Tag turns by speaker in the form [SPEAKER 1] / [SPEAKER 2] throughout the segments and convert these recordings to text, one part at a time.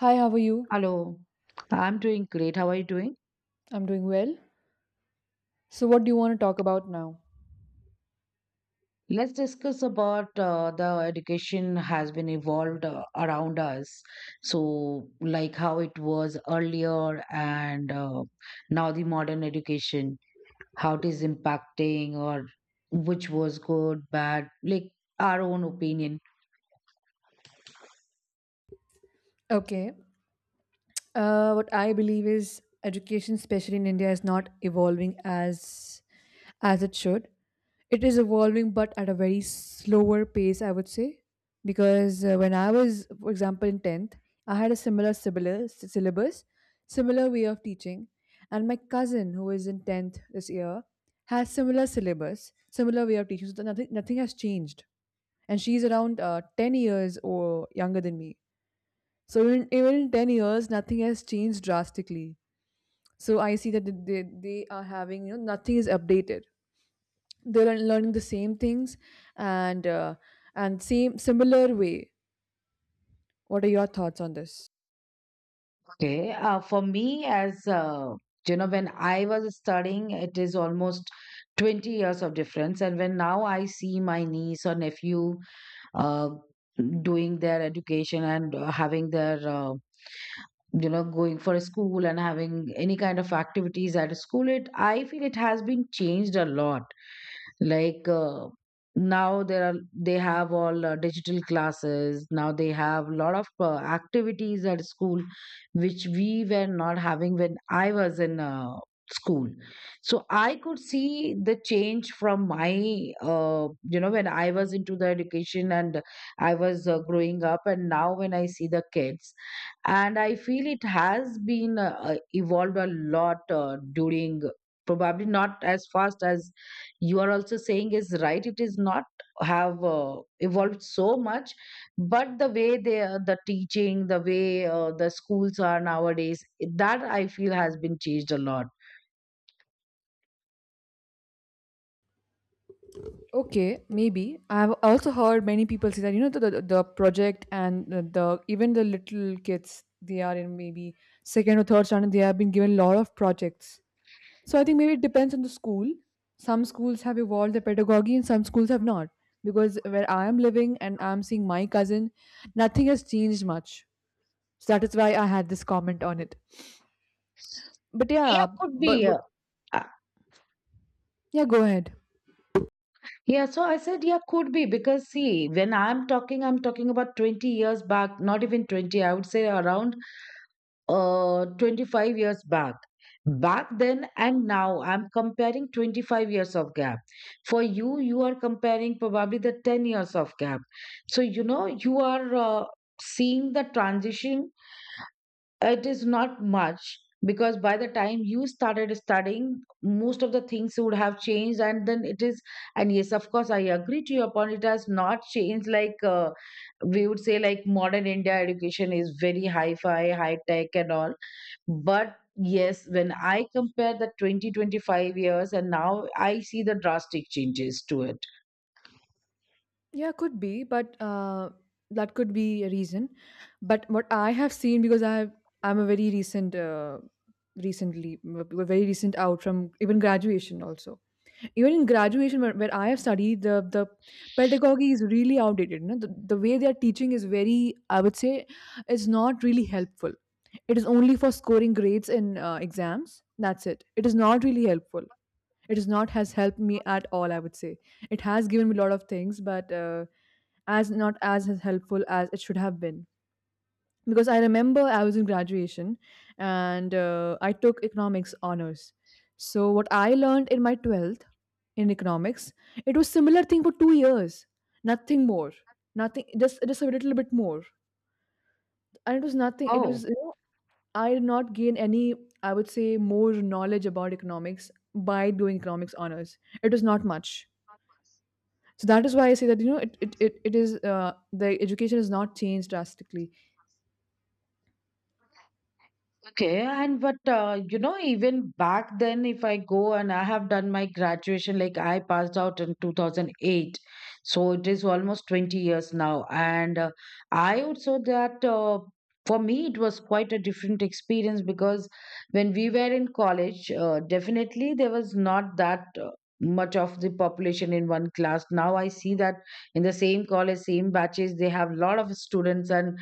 [SPEAKER 1] Hi, how are you?
[SPEAKER 2] Hello, I'm doing great. How are you doing?
[SPEAKER 1] I'm doing well. So, what do you want to talk about now?
[SPEAKER 2] Let's discuss about the education has been evolved around us. So, like how it was earlier and now the modern education, how it is impacting or which was good, bad, like our own opinion.
[SPEAKER 1] Okay, What I believe is education, especially in India, is not evolving as it should. It is evolving, but at a very slower pace, I would say. Because when I was, for example, in tenth, I had a similar syllabus, similar way of teaching, and my cousin who is in tenth this year has similar syllabus, similar way of teaching. So nothing has changed, and she's around 10 years or younger than me. So even in 10 years, nothing has changed drastically. So I see that they are having, nothing is updated. They're learning the same things and uh, and same similar way. What are your thoughts on this?
[SPEAKER 2] Okay, for me, as when I was studying, it is almost 20 years of difference. And when now I see my niece or nephew, uh, doing their education and having their going for a school and having any kind of activities at a school, it I feel it has been changed a lot. Like now there are they have all digital classes. Now they have a lot of activities at school, which we were not having when I was in school. So I could see the change from my when I was into the education and I was growing up, and now when I see the kids, and I feel it has been evolved a lot during, probably not as fast as you are also saying, is right, it is not have evolved so much, but the way the teaching, the way the schools are nowadays, that I feel has been changed a lot.
[SPEAKER 1] Okay, maybe. I've also heard many people say that, the project, and the even the little kids, they are in maybe second or third standard, they have been given a lot of projects. So I think maybe it depends on the school. Some schools have evolved the pedagogy and some schools have not. Because where I am living and I'm seeing my cousin, nothing has changed much. So that is why I had this comment on it. But
[SPEAKER 2] Yeah,
[SPEAKER 1] yeah,
[SPEAKER 2] could be,
[SPEAKER 1] but
[SPEAKER 2] yeah. Uh,
[SPEAKER 1] yeah, go ahead.
[SPEAKER 2] yeah, so I said yeah could be because see, when I'm talking, I'm talking about 20 years back, not even 20, I would say around 25 years back. Back then and now I'm comparing 25 years of gap. For you, you are comparing probably the 10 years of gap, so you know you are seeing the transition, it is not much, because by the time you started studying most of the things would have changed and then it is. And yes, of course, I agree to your point, it has not changed like we would say like modern India education is very high tech and all. But yes, when I compare the 20, 25 years and now I see the drastic changes to it.
[SPEAKER 1] Yeah, could be, but that could be a reason. But what I have seen, because I'm a very recent, recently, very recent out from even graduation also. Even in graduation, where I have studied, the pedagogy is really outdated, no? The way they are teaching is very, I would say, is not really helpful. It is only for scoring grades in exams. That's it. It is not really helpful. It is not has helped me at all, I would say. It has given me a lot of things, but as not as helpful as it should have been. Because I remember I was in graduation, and I took economics honors. So what I learned in my 12th in economics, it was similar thing for 2 years. Nothing more. Nothing, just a little bit more. And it was nothing, it was,
[SPEAKER 2] Oh,
[SPEAKER 1] I did not gain any, I would say, more knowledge about economics by doing economics honors. It was not much. So that is why I say that it is, the education has not changed drastically.
[SPEAKER 2] okay. And but you know, even back then, if I go and I have done my graduation, like I passed out in 2008, so it is almost 20 years now. And I would say that for me, it was quite a different experience because when we were in college, definitely there was not that. Much of the population in one class. Now I see that in the same college, same batches, they have a lot of students. And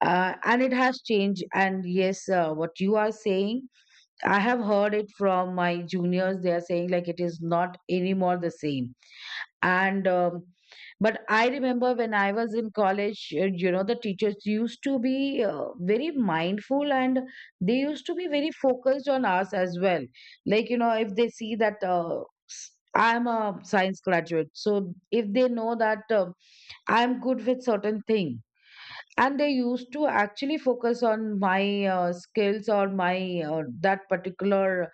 [SPEAKER 2] and it has changed. And yes, what you are saying, I have heard it from my juniors, they are saying like it is not anymore the same. And but I remember when I was in college, you know, the teachers used to be very mindful, and they used to be very focused on us as well. Like you know, if they see that, I'm a science graduate, so if they know that I'm good with certain thing, and they used to actually focus on my skills or my that particular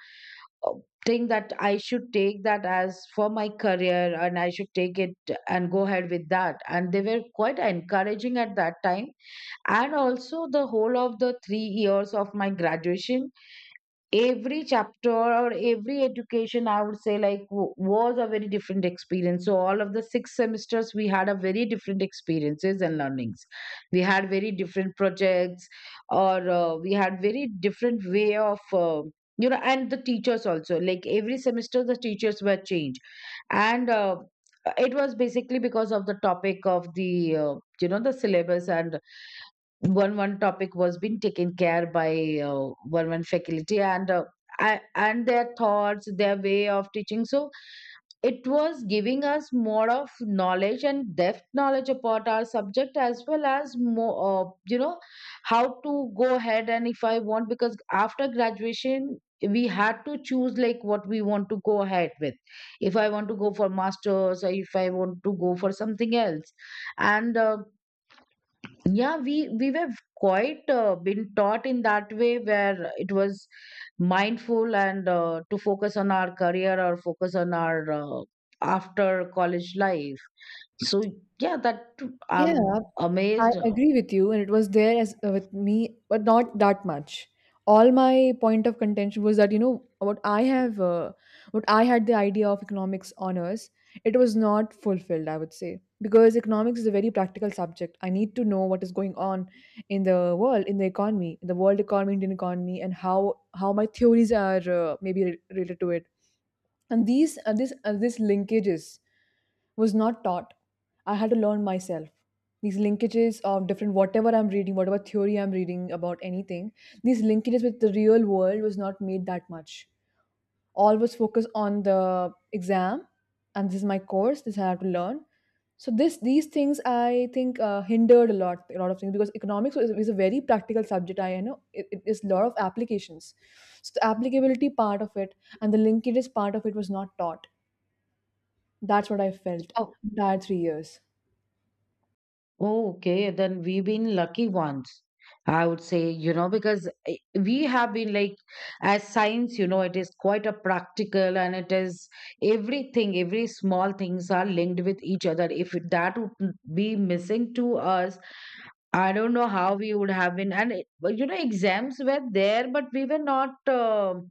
[SPEAKER 2] uh, thing, that I should take that as for my career and I should take it and go ahead with that. And they were quite encouraging at that time. And also the whole of the 3 years of my graduation, every chapter or every education, I would say like was a very different experience. So all of the 6 semesters we had a very different experiences and learnings. We had very different projects, or we had very different way of and the teachers also, like every semester the teachers were changed. And it was basically because of the topic of the the syllabus, and one topic was being taken care by one faculty, and and their thoughts, their way of teaching. So it was giving us more of knowledge and depth knowledge about our subject, as well as more how to go ahead. And if I want, because after graduation we had to choose like what we want to go ahead with. If I want to go for masters, or if I want to go for something else. And yeah, we were quite been taught in that way, where it was mindful and to focus on our career or focus on our after college life. So yeah, that I'm
[SPEAKER 1] Yeah, I
[SPEAKER 2] amazed.
[SPEAKER 1] agree with you, and it was there as, with me, but not that much. All my point of contention was that, what I had the idea of economics honors, it was not fulfilled. I would say, because economics is a very practical subject. I need to know what is going on in the world, in the economy, in the world economy, Indian economy, and how my theories are, maybe, related to it. And these, this, this linkages was not taught. I had to learn myself. These linkages of different, whatever I'm reading, whatever theory I'm reading about anything, these linkages with the real world was not made that much. Always focus on the exam, and this is my course, this I have to learn. So this these things, I think, hindered a lot of things, because economics is a very practical subject. I know it is a lot of applications. So the applicability part of it and the linkages part of it was not taught. That's what I felt
[SPEAKER 2] Oh.
[SPEAKER 1] entire 3 years.
[SPEAKER 2] Oh, okay, then we've been lucky ones, I would say, you know, because eh, we have been like, as science, you know, it is quite a practical, and it is everything, every small things are linked with each other. If that would be missing to us, I don't know how we would have been. And but you know, exams were there, but we were not.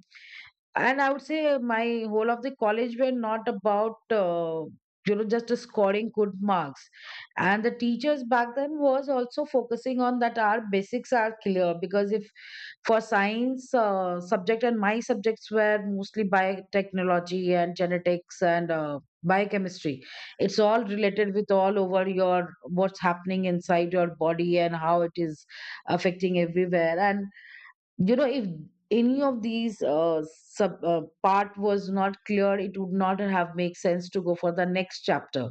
[SPEAKER 2] And I would say my whole of the college were not about just scoring good marks. And the teachers back then was also focusing on that our basics are clear, because if for science subject, and my subjects were mostly biotechnology and genetics and biochemistry, it's all related with all over your what's happening inside your body, and how it is affecting everywhere. And you know, if any of these sub part was not clear, it would not have make sense to go for the next chapter.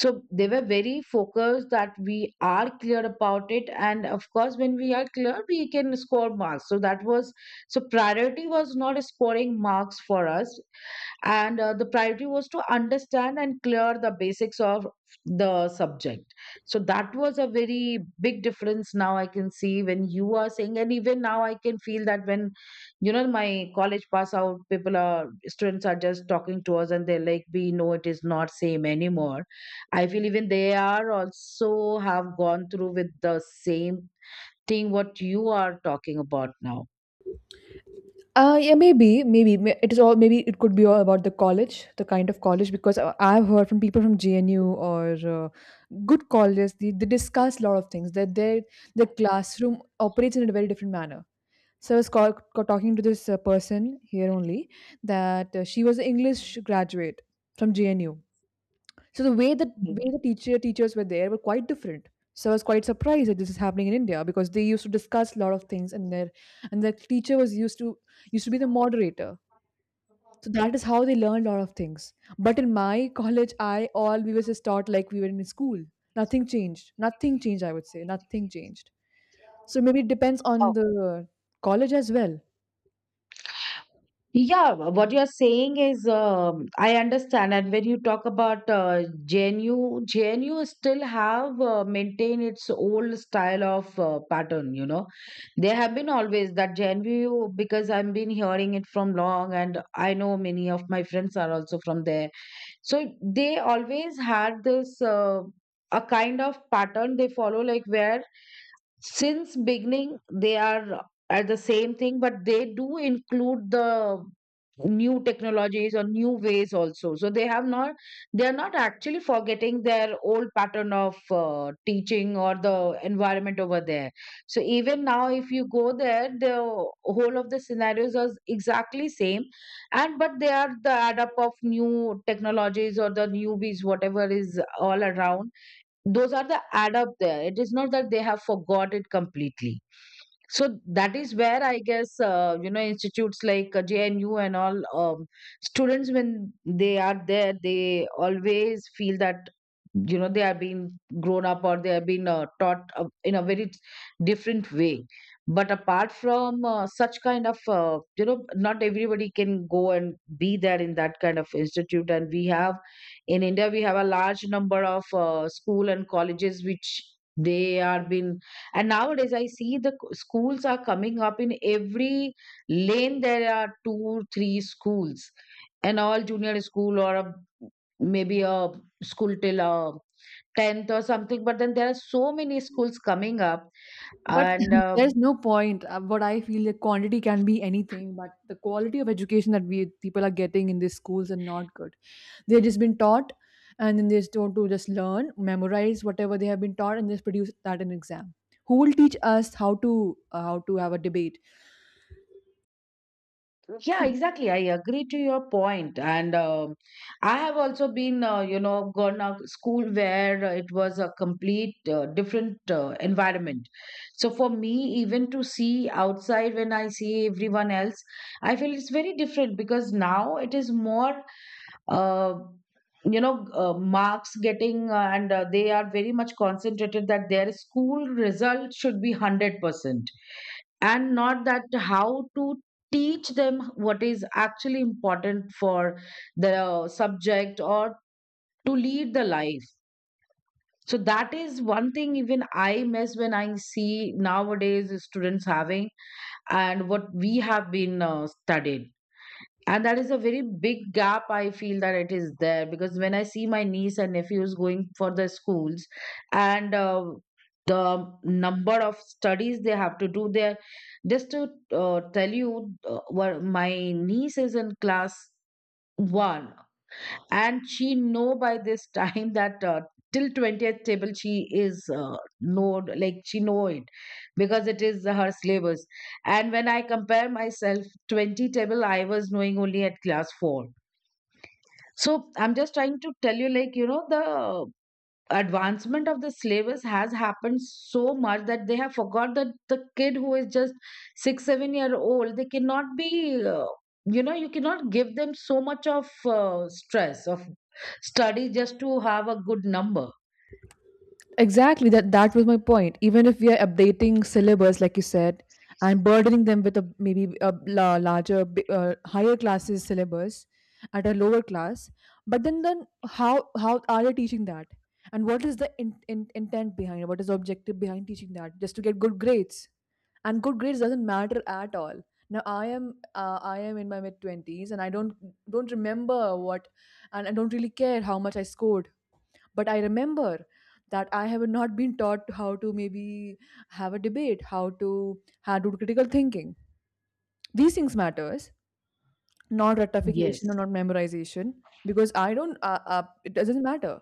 [SPEAKER 2] So they were very focused that we are clear about it, and of course when we are clear we can score marks. So that was, so priority was not scoring marks for us, and the priority was to understand and clear the basics of the subject. So that was a very big difference now I can see when you are saying. And even now I can feel that when you know, my college pass out people are, students are just talking to us, and they're like, we know it is not same anymore. I feel even they are also have gone through with the same thing what you are talking about now.
[SPEAKER 1] Yeah, maybe it is all. Maybe it could be all about the college, the kind of college, because I've heard from people from JNU or good colleges. They discuss a lot of things. That their classroom operates in a very different manner. So I was talking to this person here only, that she was an English graduate from JNU. So the way that
[SPEAKER 2] Mm.
[SPEAKER 1] way, the teachers were, there were quite different. So I was quite surprised that this is happening in India, because they used to discuss a lot of things, and their and the teacher was used to be the moderator. So that is how they learn a lot of things. But in my college, I all we were just taught like we were in school. Nothing changed. Nothing changed. I would say nothing changed. So maybe it depends on the college as well.
[SPEAKER 2] Yeah, what you're saying is, I understand. And when you talk about JNU, still have maintained its old style of pattern, you know. There have been always that JNU, because I've been hearing it from long, and I know many of my friends are also from there. So they always had this a kind of pattern they follow, like where since beginning they are at the same thing, but they do include the new technologies or new ways also. So they have not, they are not actually forgetting their old pattern of teaching or the environment over there. So even now, if you go there, the whole of the scenarios are exactly same, and but they are the add up of new technologies or the newbies whatever is all around, those are the add up there. It is not that they have forgot it completely. So that is where I guess institutes like JNU and all, students when they are there they always feel that, you know, they are being grown up, or they are being taught in a very different way. But apart from such kind of not everybody can go and be there in that kind of institute. And we have, in India we have a large number of school and colleges, which they are been, and nowadays I see the schools are coming up in every lane. There are 2, 3 schools, an all junior school or a, maybe a school till a 10th or something. But then there are so many schools coming up,
[SPEAKER 1] But
[SPEAKER 2] and
[SPEAKER 1] there's no point. What I feel, the quantity can be anything, but the quality of education that we people are getting in these schools are not good. They've just been taught, and then they're told to just learn, memorize whatever they have been taught, and just produce that in exam. Who will teach us how to, have a debate?
[SPEAKER 2] yeah, exactly. I agree to your point. And I have also been, gone a school where it was a complete different environment. So for me, even to see outside when I see everyone else, I feel it's very different because now it is more uh, marks getting, and they are very much concentrated that their school result should be 100%, and not that how to teach them what is actually important for the subject or to lead the life. So that is one thing even I miss when I see nowadays students having, and what we have been studied. And that is a very big gap I feel that it is there, because when I see my niece and nephews going for the schools and the number of studies they have to do there, just to tell you, my niece is in class one, and she know by this time that till 20th table she is, know, like she know it, because it is her syllabus. And when I compare myself, 20 table I was knowing only at class 4. So I'm just trying to tell you, like, you know, the advancement of the syllabus has happened so much that they have forgot that the kid who is just 6 7 year old, they cannot be, uh, you know, you cannot give them so much of stress of study just to have a good number.
[SPEAKER 1] Exactly, that was my point. Even if we are updating syllabus, like you said, and burdening them with a maybe a larger, higher classes syllabus at a lower class, but then how are they teaching that? And what is the intent behind it? What is the objective behind teaching that? Just to get good grades, and good grades doesn't matter at all. Now I am in my mid twenties, and I don't remember what, and I don't really care how much I scored. But I remember that I have not been taught how to, maybe, have a debate, how to do critical thinking. These things matters, not
[SPEAKER 2] Yes.
[SPEAKER 1] ratification or not memorization, because I don't, it doesn't matter.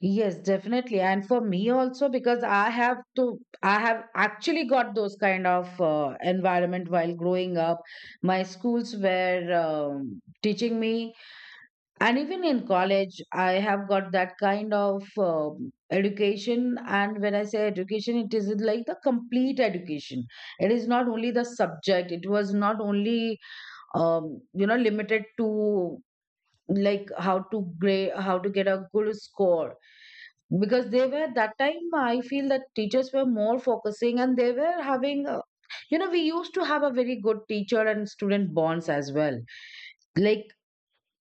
[SPEAKER 2] Yes, definitely. And for me also, because I have actually got those kind of environment while growing up. My schools were, teaching me. And even in college I have got that kind of education. And when I say education, it is like the complete education. It is not only the subject, it was not only you know, limited to like how to grade, how to get a good score. Because they were, that time I feel that teachers were more focusing, and they were having, you know, we used to have a very good teacher and student bonds as well. Like,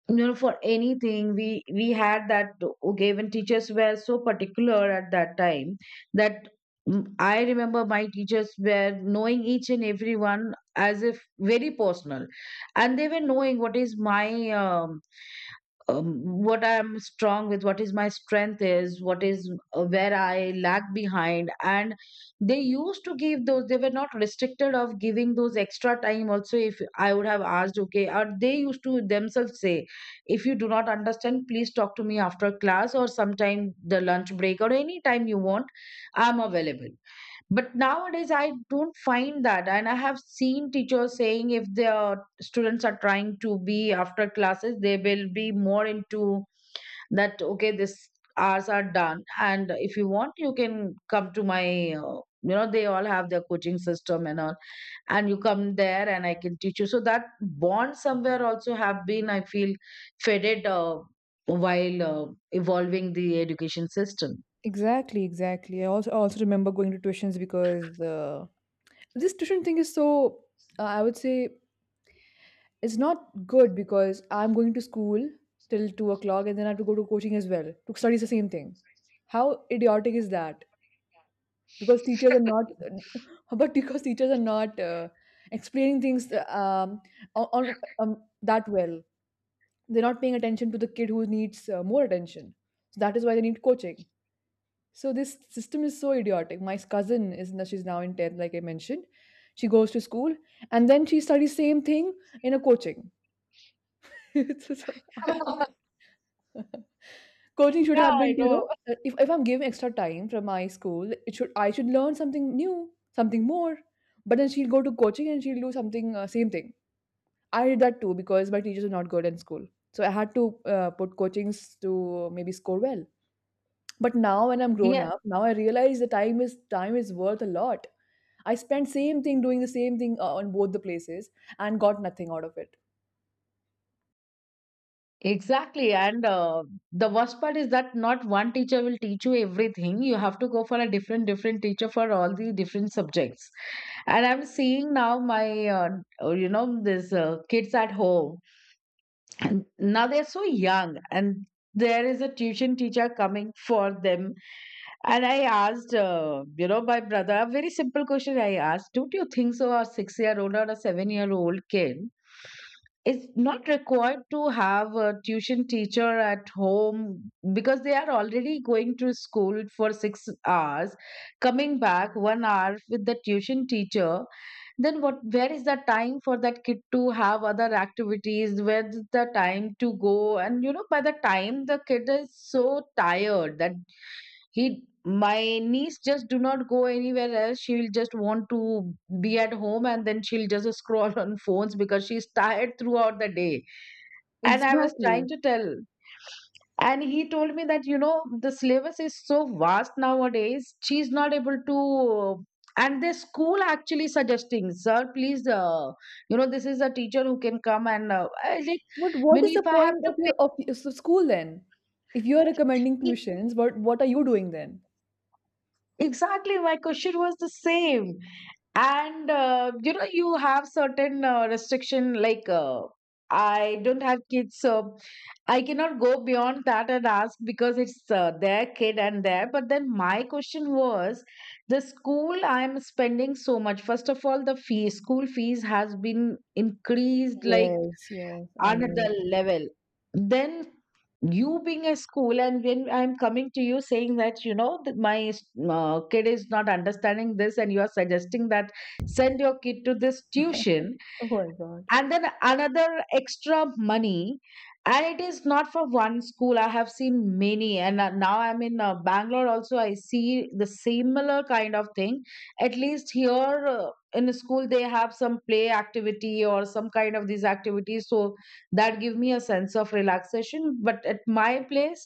[SPEAKER 2] you know, for anything we had that. Okay, when teachers were so particular at that time, that, I remember my teachers were knowing each and everyone, as if very personal. And they were knowing what is my, um, um, what I'm strong with, what is my strength is, what is, where I lag behind. And they used to give those, they were not restricted of giving those extra time also, if I would have asked, okay, or they used to themselves say, if you do not understand, please talk to me after class, or sometime the lunch break, or any time you want, I'm available. But nowadays, I don't find that. And I have seen teachers saying, if their students are trying to be after classes, they will be more into that, okay, this hours are done. And if you want, you can come to my, they all have their coaching system and all. And you come there and I can teach you. So that bond somewhere also have been, I feel, faded, while evolving the education system.
[SPEAKER 1] Exactly, exactly. I also remember going to tuitions, because the this tuition thing is so, I would say, it's not good, because I'm going to school till 2 o'clock and then I have to go to coaching as well to study the same thing. How idiotic is that? Because teachers are not but because teachers are not, explaining things, on that well. They're not paying attention to the kid who needs, more attention, so that is why they need coaching. So this system is so idiotic. My cousin is now in 10th, like I mentioned. She goes to school and then she studies same thing in a coaching so, so, I
[SPEAKER 2] Yeah,
[SPEAKER 1] don't- coaching should have been
[SPEAKER 2] I
[SPEAKER 1] to,
[SPEAKER 2] know.
[SPEAKER 1] if I'm giving extra time from my school, it should I should learn something new, something more. But then she'll go to coaching and she'll do something, same thing. I did that too because my teachers were not good in school, so I had to, put coachings to maybe score well. But now when I'm grown up, now I realize the time is worth a lot. I spent same thing doing the same thing, on both the places, and got nothing out of it.
[SPEAKER 2] Exactly. And the worst part is that not one teacher will teach you everything. You have to go for a different, different teacher for all the different subjects. And I'm seeing now my, these kids at home. And now they're so young, and there is a tuition teacher coming for them. And I asked, my brother, a very simple question I asked, don't you think so a six-year-old or a seven-year-old kid, it's not required to have a tuition teacher at home, because they are already going to school for 6 hours, coming back 1 hour with the tuition teacher. Then what, where is the time for that kid to have other activities? Where's the time to go? And, you know, by the time the kid is so tired that he, my niece just do not go anywhere else, she will just want to be at home, and then she'll just scroll on phones because she's tired throughout the day. And I was trying
[SPEAKER 1] Exactly.
[SPEAKER 2] to tell. And he told me that, you know, the syllabus is so vast nowadays, she's not able to. And the school actually suggesting, sir, please, you know, this is a teacher who can come and I like,
[SPEAKER 1] But what
[SPEAKER 2] when
[SPEAKER 1] is the
[SPEAKER 2] if I have
[SPEAKER 1] point
[SPEAKER 2] to
[SPEAKER 1] of your school then? If you are recommending
[SPEAKER 2] pay.
[SPEAKER 1] tuitions, what are you doing then?
[SPEAKER 2] Exactly, my question was the same. And you know, you have certain restriction like, I don't have kids, so I cannot go beyond that and ask, because it's their kid and their. But then my question was, the school I am spending so much. First of all, the fee, school fees has been increased like
[SPEAKER 1] Yes, yes, I
[SPEAKER 2] another
[SPEAKER 1] know.
[SPEAKER 2] level. Then, you being a school, and when I'm coming to you saying that, you know, that my kid is not understanding this, and you are suggesting that send your kid to this tuition,
[SPEAKER 1] Oh my God.
[SPEAKER 2] and then another extra money. And it is not for one school, I have seen many. And now I'm in Bangalore also, I see the similar kind of thing. At least here, in the school they have some play activity or some kind of these activities, so that give me a sense of relaxation. But at my place,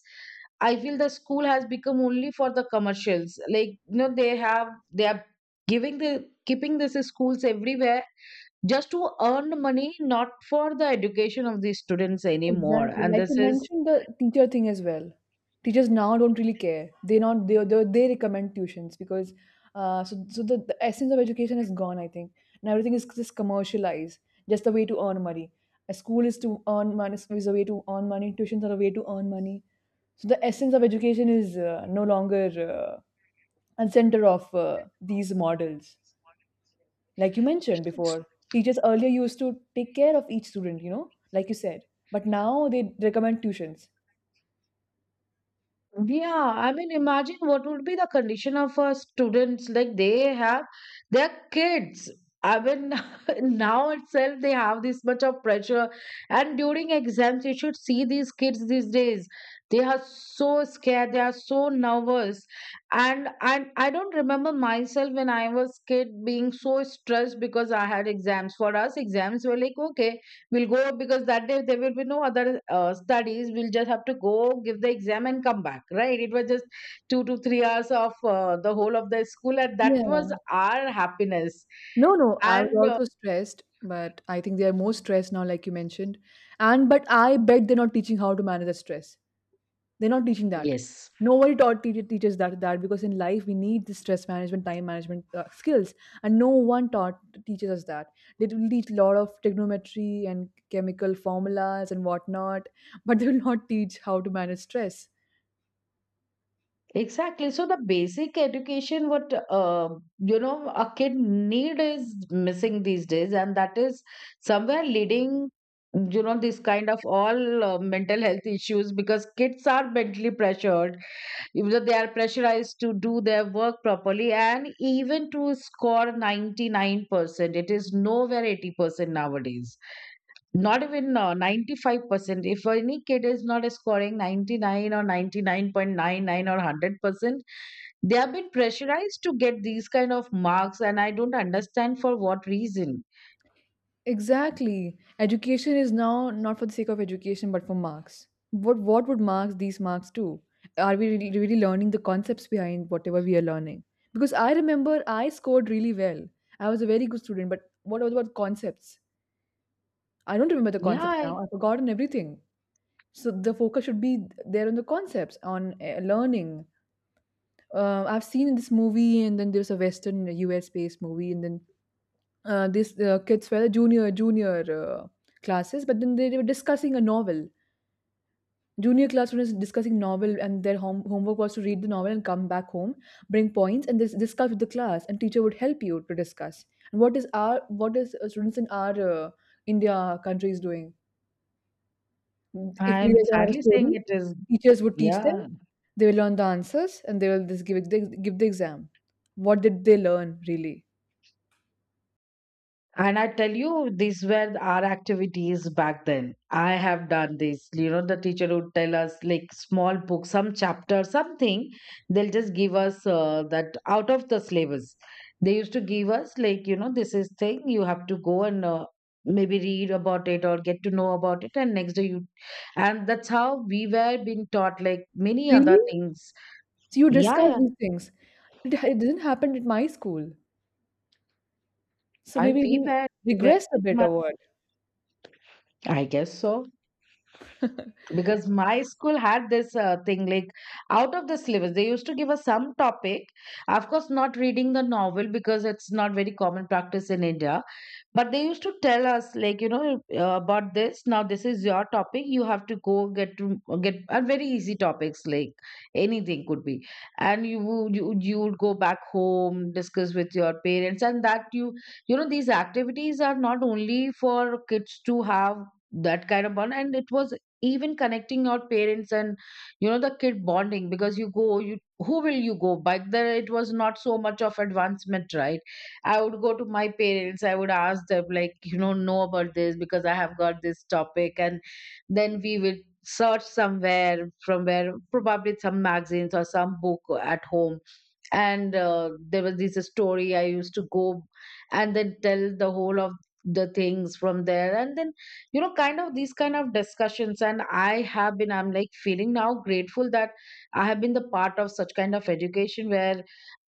[SPEAKER 2] I feel the school has become only for the commercials, like, you know, they have, they are giving the, keeping this schools everywhere just to earn money, not for the education of the students anymore.
[SPEAKER 1] Exactly.
[SPEAKER 2] And
[SPEAKER 1] Like you
[SPEAKER 2] this is,
[SPEAKER 1] mentioned, the teacher thing as well. Teachers now don't really care. They not they recommend tuitions, because so the essence of education is gone, I think. And everything is just commercialized, just a way to earn money. A school is to earn money, is a way to earn money, tuitions are a way to earn money. So the essence of education is, no longer, uh, and center of, these models, like you mentioned before. Teachers earlier used to take care of each student, like you said, but now they recommend tuitions.
[SPEAKER 2] yeah, I mean, imagine what would be the condition of students, like they have their kids. I mean, now itself they have this much of pressure, and during exams, you should see these kids these days. They are so scared, they are so nervous, and I don't remember myself when I was kid being so stressed because I had exams. For us, exams were like, okay, we'll go, because that day there will be no other studies. We'll just have to go, give the exam, and come back, right? It was just 2 to 3 hours of the whole of the school, and that was
[SPEAKER 1] Yeah.
[SPEAKER 2] our happiness.
[SPEAKER 1] No, no, I was
[SPEAKER 2] And
[SPEAKER 1] also stressed, but I think they are more stressed now, like you mentioned. And but I bet they're not teaching how to manage the stress. They're not teaching that.
[SPEAKER 2] yes,
[SPEAKER 1] Nobody taught, teacher teaches that, because in life we need the stress management, time management, skills, and no one taught teaches us that. They will teach a lot of trigonometry and chemical formulas and whatnot, but they will not teach how to manage stress.
[SPEAKER 2] exactly. So the basic education, what, you know, a kid need is missing these days, and that is somewhere leading, you know, this kind of all mental health issues, because kids are mentally pressured, even though they are pressurized to do their work properly, and even to score 99%. It is nowhere 80% nowadays, not even 95%. If any kid is not scoring 99 or 99.99 or 100%, they have been pressurized to get these kind of marks, and I don't understand for what reason.
[SPEAKER 1] Exactly. Education is now not for the sake of education, but for marks. What would marks these marks do? Are we really, really learning the concepts behind whatever we are learning? Because I remember I scored really well. I was a very good student, but what was about concepts? I don't remember the concepts
[SPEAKER 2] Yeah I
[SPEAKER 1] now. I've forgotten everything. So the focus should be there on the concepts, on, learning. I've seen in this movie, and then there's a Western U.S. based movie, and then, these, kids were the junior, classes, but then they were discussing a novel. Junior class was discussing novel, and their homework was to read the novel and come back home, bring points, and discuss with the class. And teacher would help you to discuss. And what is, students in our, India country is doing? If they
[SPEAKER 2] I'm
[SPEAKER 1] they have a
[SPEAKER 2] sadly saying
[SPEAKER 1] story,
[SPEAKER 2] it is.
[SPEAKER 1] teachers would teach them.
[SPEAKER 2] Yeah.
[SPEAKER 1] They will learn the answers, and they will just give, give the exam. What did they learn really?
[SPEAKER 2] And I tell you, these were our activities back then. I have done this. You know, the teacher would tell us like small book, some chapter, something. They'll just give us that, out of the syllabus. They used to give us like, you know, this is thing, you have to go and, maybe read about it or get to know about it, and next day you, and that's how we were being taught, like many other
[SPEAKER 1] Really?
[SPEAKER 2] things.
[SPEAKER 1] So you
[SPEAKER 2] Yeah,
[SPEAKER 1] discuss
[SPEAKER 2] yeah.
[SPEAKER 1] these things. It didn't happen at my school. So
[SPEAKER 2] I
[SPEAKER 1] maybe we
[SPEAKER 2] we were
[SPEAKER 1] regressed a
[SPEAKER 2] very
[SPEAKER 1] bit or
[SPEAKER 2] much.
[SPEAKER 1] what?
[SPEAKER 2] I guess so. Because my school had this thing, like out of the syllabus, they used to give us some topic. Of course not reading the novel, because it's not very common practice in India. But they used to tell us, like, you know, about this, now this is your topic, you have to go get, to get, and very easy topics, like anything could be. And you would go back home, discuss with your parents, and that you know, these activities are not only for kids to have that kind of bond. And it was even connecting your parents and, you know, the kid bonding, because you go you, who will you go by there, it was not so much of advancement, right? I would go to my parents. I would ask them, like, you know about this because I have got this topic. And then we would search somewhere from where, probably some magazines or some book at home. And there was this story I used to go and then tell the whole of the things from there. And then, you know, kind of these kind of discussions. And I have been, I'm like feeling now grateful that I have been the part of such kind of education where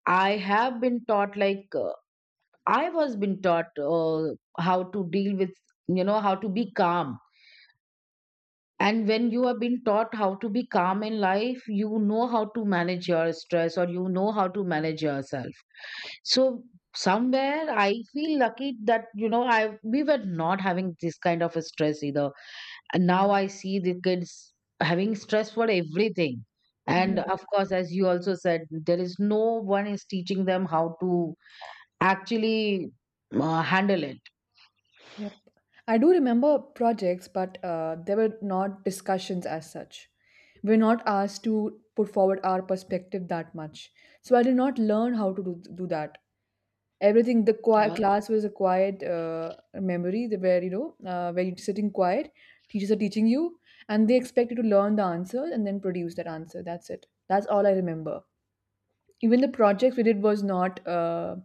[SPEAKER 2] I have been taught like, I was been taught how to deal with, you know, how to be calm. And when you have been taught how to be calm in life, you know how to manage your stress, or you know how to manage yourself. So somewhere I feel lucky that, you know, I we were not having this kind of a stress either. And now I see the kids having stress for everything. And
[SPEAKER 1] Yeah,
[SPEAKER 2] of course, as you also said, there is no one is teaching them how to actually handle it.
[SPEAKER 1] yep. I do remember projects, but, there were not discussions as such. We are not asked to put forward our perspective that much. So I did not learn how to do that. Everything, the quiet
[SPEAKER 2] Uh,
[SPEAKER 1] class was a quiet, memory, where, where you're sitting quiet, teachers are teaching you, and they expect you to learn the answer and then produce that answer. That's it. That's all I remember. Even the projects we did was not,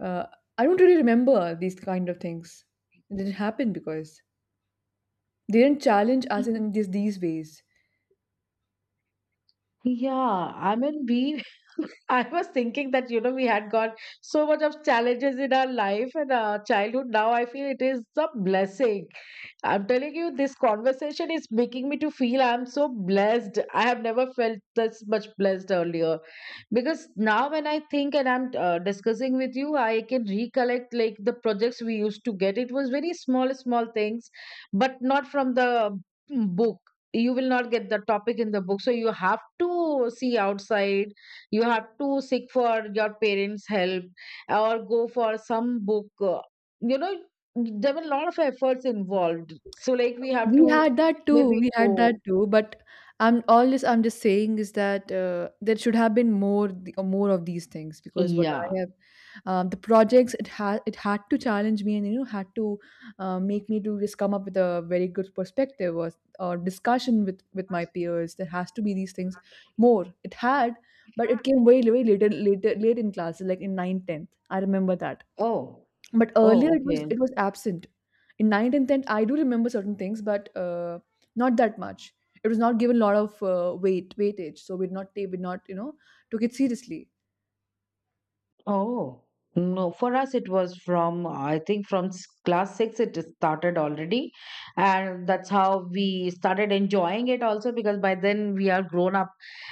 [SPEAKER 1] uh, I don't really remember these kind of things. It didn't happen because they didn't challenge us in these ways.
[SPEAKER 2] Yeah, I mean, we, I was thinking that, you know, we had got so much of challenges in our life and our childhood. Now I feel it is a blessing. I'm telling you, this conversation is making me to feel I'm so blessed. I have never felt this much blessed earlier. Because now when I think, and I'm discussing with you, I can recollect like the projects we used to get. It was very small, small things, but not from the, book. You will not get the topic in the book. So you have to see outside. You have to seek for your parents' help, or go for some book. You know, there were a lot of efforts involved. So like we have
[SPEAKER 1] We
[SPEAKER 2] to
[SPEAKER 1] had that too.
[SPEAKER 2] maybe
[SPEAKER 1] We had that
[SPEAKER 2] go.
[SPEAKER 1] too. But I'm all this I'm just saying is that, there should have been more, more of these things, because what
[SPEAKER 2] Yeah.
[SPEAKER 1] I have, the projects it had to challenge me and, had to, make me to just come up with a very good perspective, or discussion with my peers. There has to be these things more. It had, but it came way later late in classes like in ninth, 10th. I remember that,
[SPEAKER 2] Oh.
[SPEAKER 1] but
[SPEAKER 2] Oh,
[SPEAKER 1] earlier it was
[SPEAKER 2] okay.
[SPEAKER 1] it was absent. In ninth and 10th I do remember certain things, but, not that much. It was not given a lot of, weightage, so we did not, took it seriously.
[SPEAKER 2] Oh, no. For us, it was from, I think, from class 6, it started already. And that's how we started enjoying it also, because by then we are grown up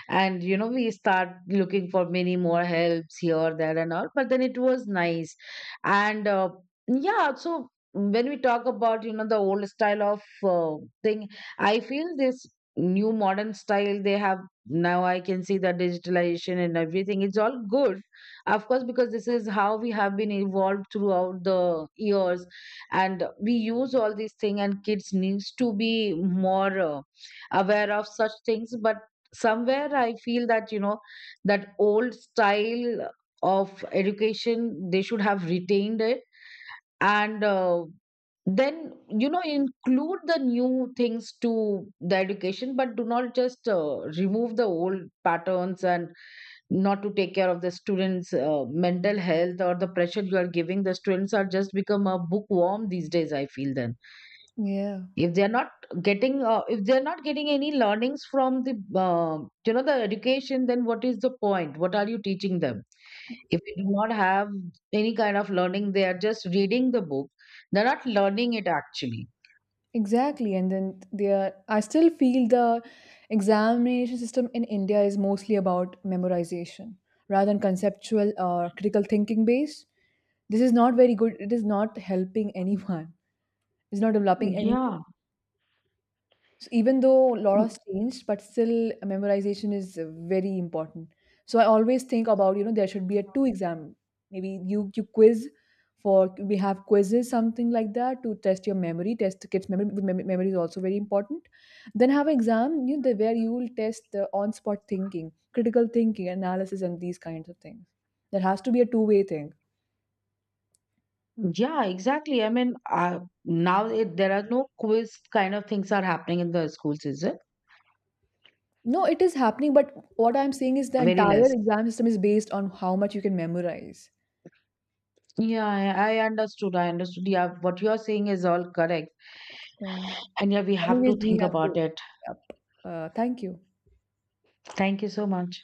[SPEAKER 2] and, you know, we start looking for many more helps here, there, and all. But then it was nice. And yeah, so when we talk about, you know, the old style of, thing, I feel this new modern style they have now, I can see the digitalization and everything, it's all good. Of course, because this is how we have been evolved throughout the years, and we use all these things, and kids needs to be more aware of such things. But somewhere I feel that, you know, that old style of education they should have retained it. And then, you know, include the new things to the education, but do not just remove the old patterns, and not to take care of the students mental health, or the pressure you are giving, the students are just become a bookworm these days I feel. Then
[SPEAKER 1] Yeah,
[SPEAKER 2] if they're not getting, if they're not getting any learnings from the, uh, you know, the education, then what is the point, what are you teaching them, if they do not have any kind of learning, they are just reading the book, they're not learning it actually.
[SPEAKER 1] exactly. And then there, I still feel the examination system in India is mostly about memorization rather than conceptual or critical thinking based. This is not very good. It is not helping anyone. It's not developing anything.
[SPEAKER 2] Yeah.
[SPEAKER 1] So even though a lot
[SPEAKER 2] Mm,
[SPEAKER 1] has changed, but still memorization is, very important. So I always think about, there should be a two exam. Maybe you quiz for we have quizzes, something like that, to test your memory, test the kids' memory. Because memory is also very important. Then have an exam, where you will test the on-spot thinking, critical thinking, analysis, and these kinds of things. There has to be a two-way thing.
[SPEAKER 2] yeah, exactly, I mean, now it, there are no quiz kind of things are happening in the schools, is it
[SPEAKER 1] No, it is happening, but what I'm saying is the
[SPEAKER 2] very
[SPEAKER 1] entire
[SPEAKER 2] less?
[SPEAKER 1] exam system is based on how much you can memorize.
[SPEAKER 2] I understood, I understood. Yeah, what you are saying is all correct.
[SPEAKER 1] Yeah.
[SPEAKER 2] And yeah, we have to
[SPEAKER 1] Anyways, we
[SPEAKER 2] think
[SPEAKER 1] have
[SPEAKER 2] about
[SPEAKER 1] to.
[SPEAKER 2] it.
[SPEAKER 1] Yep. Thank you.
[SPEAKER 2] Thank you so much.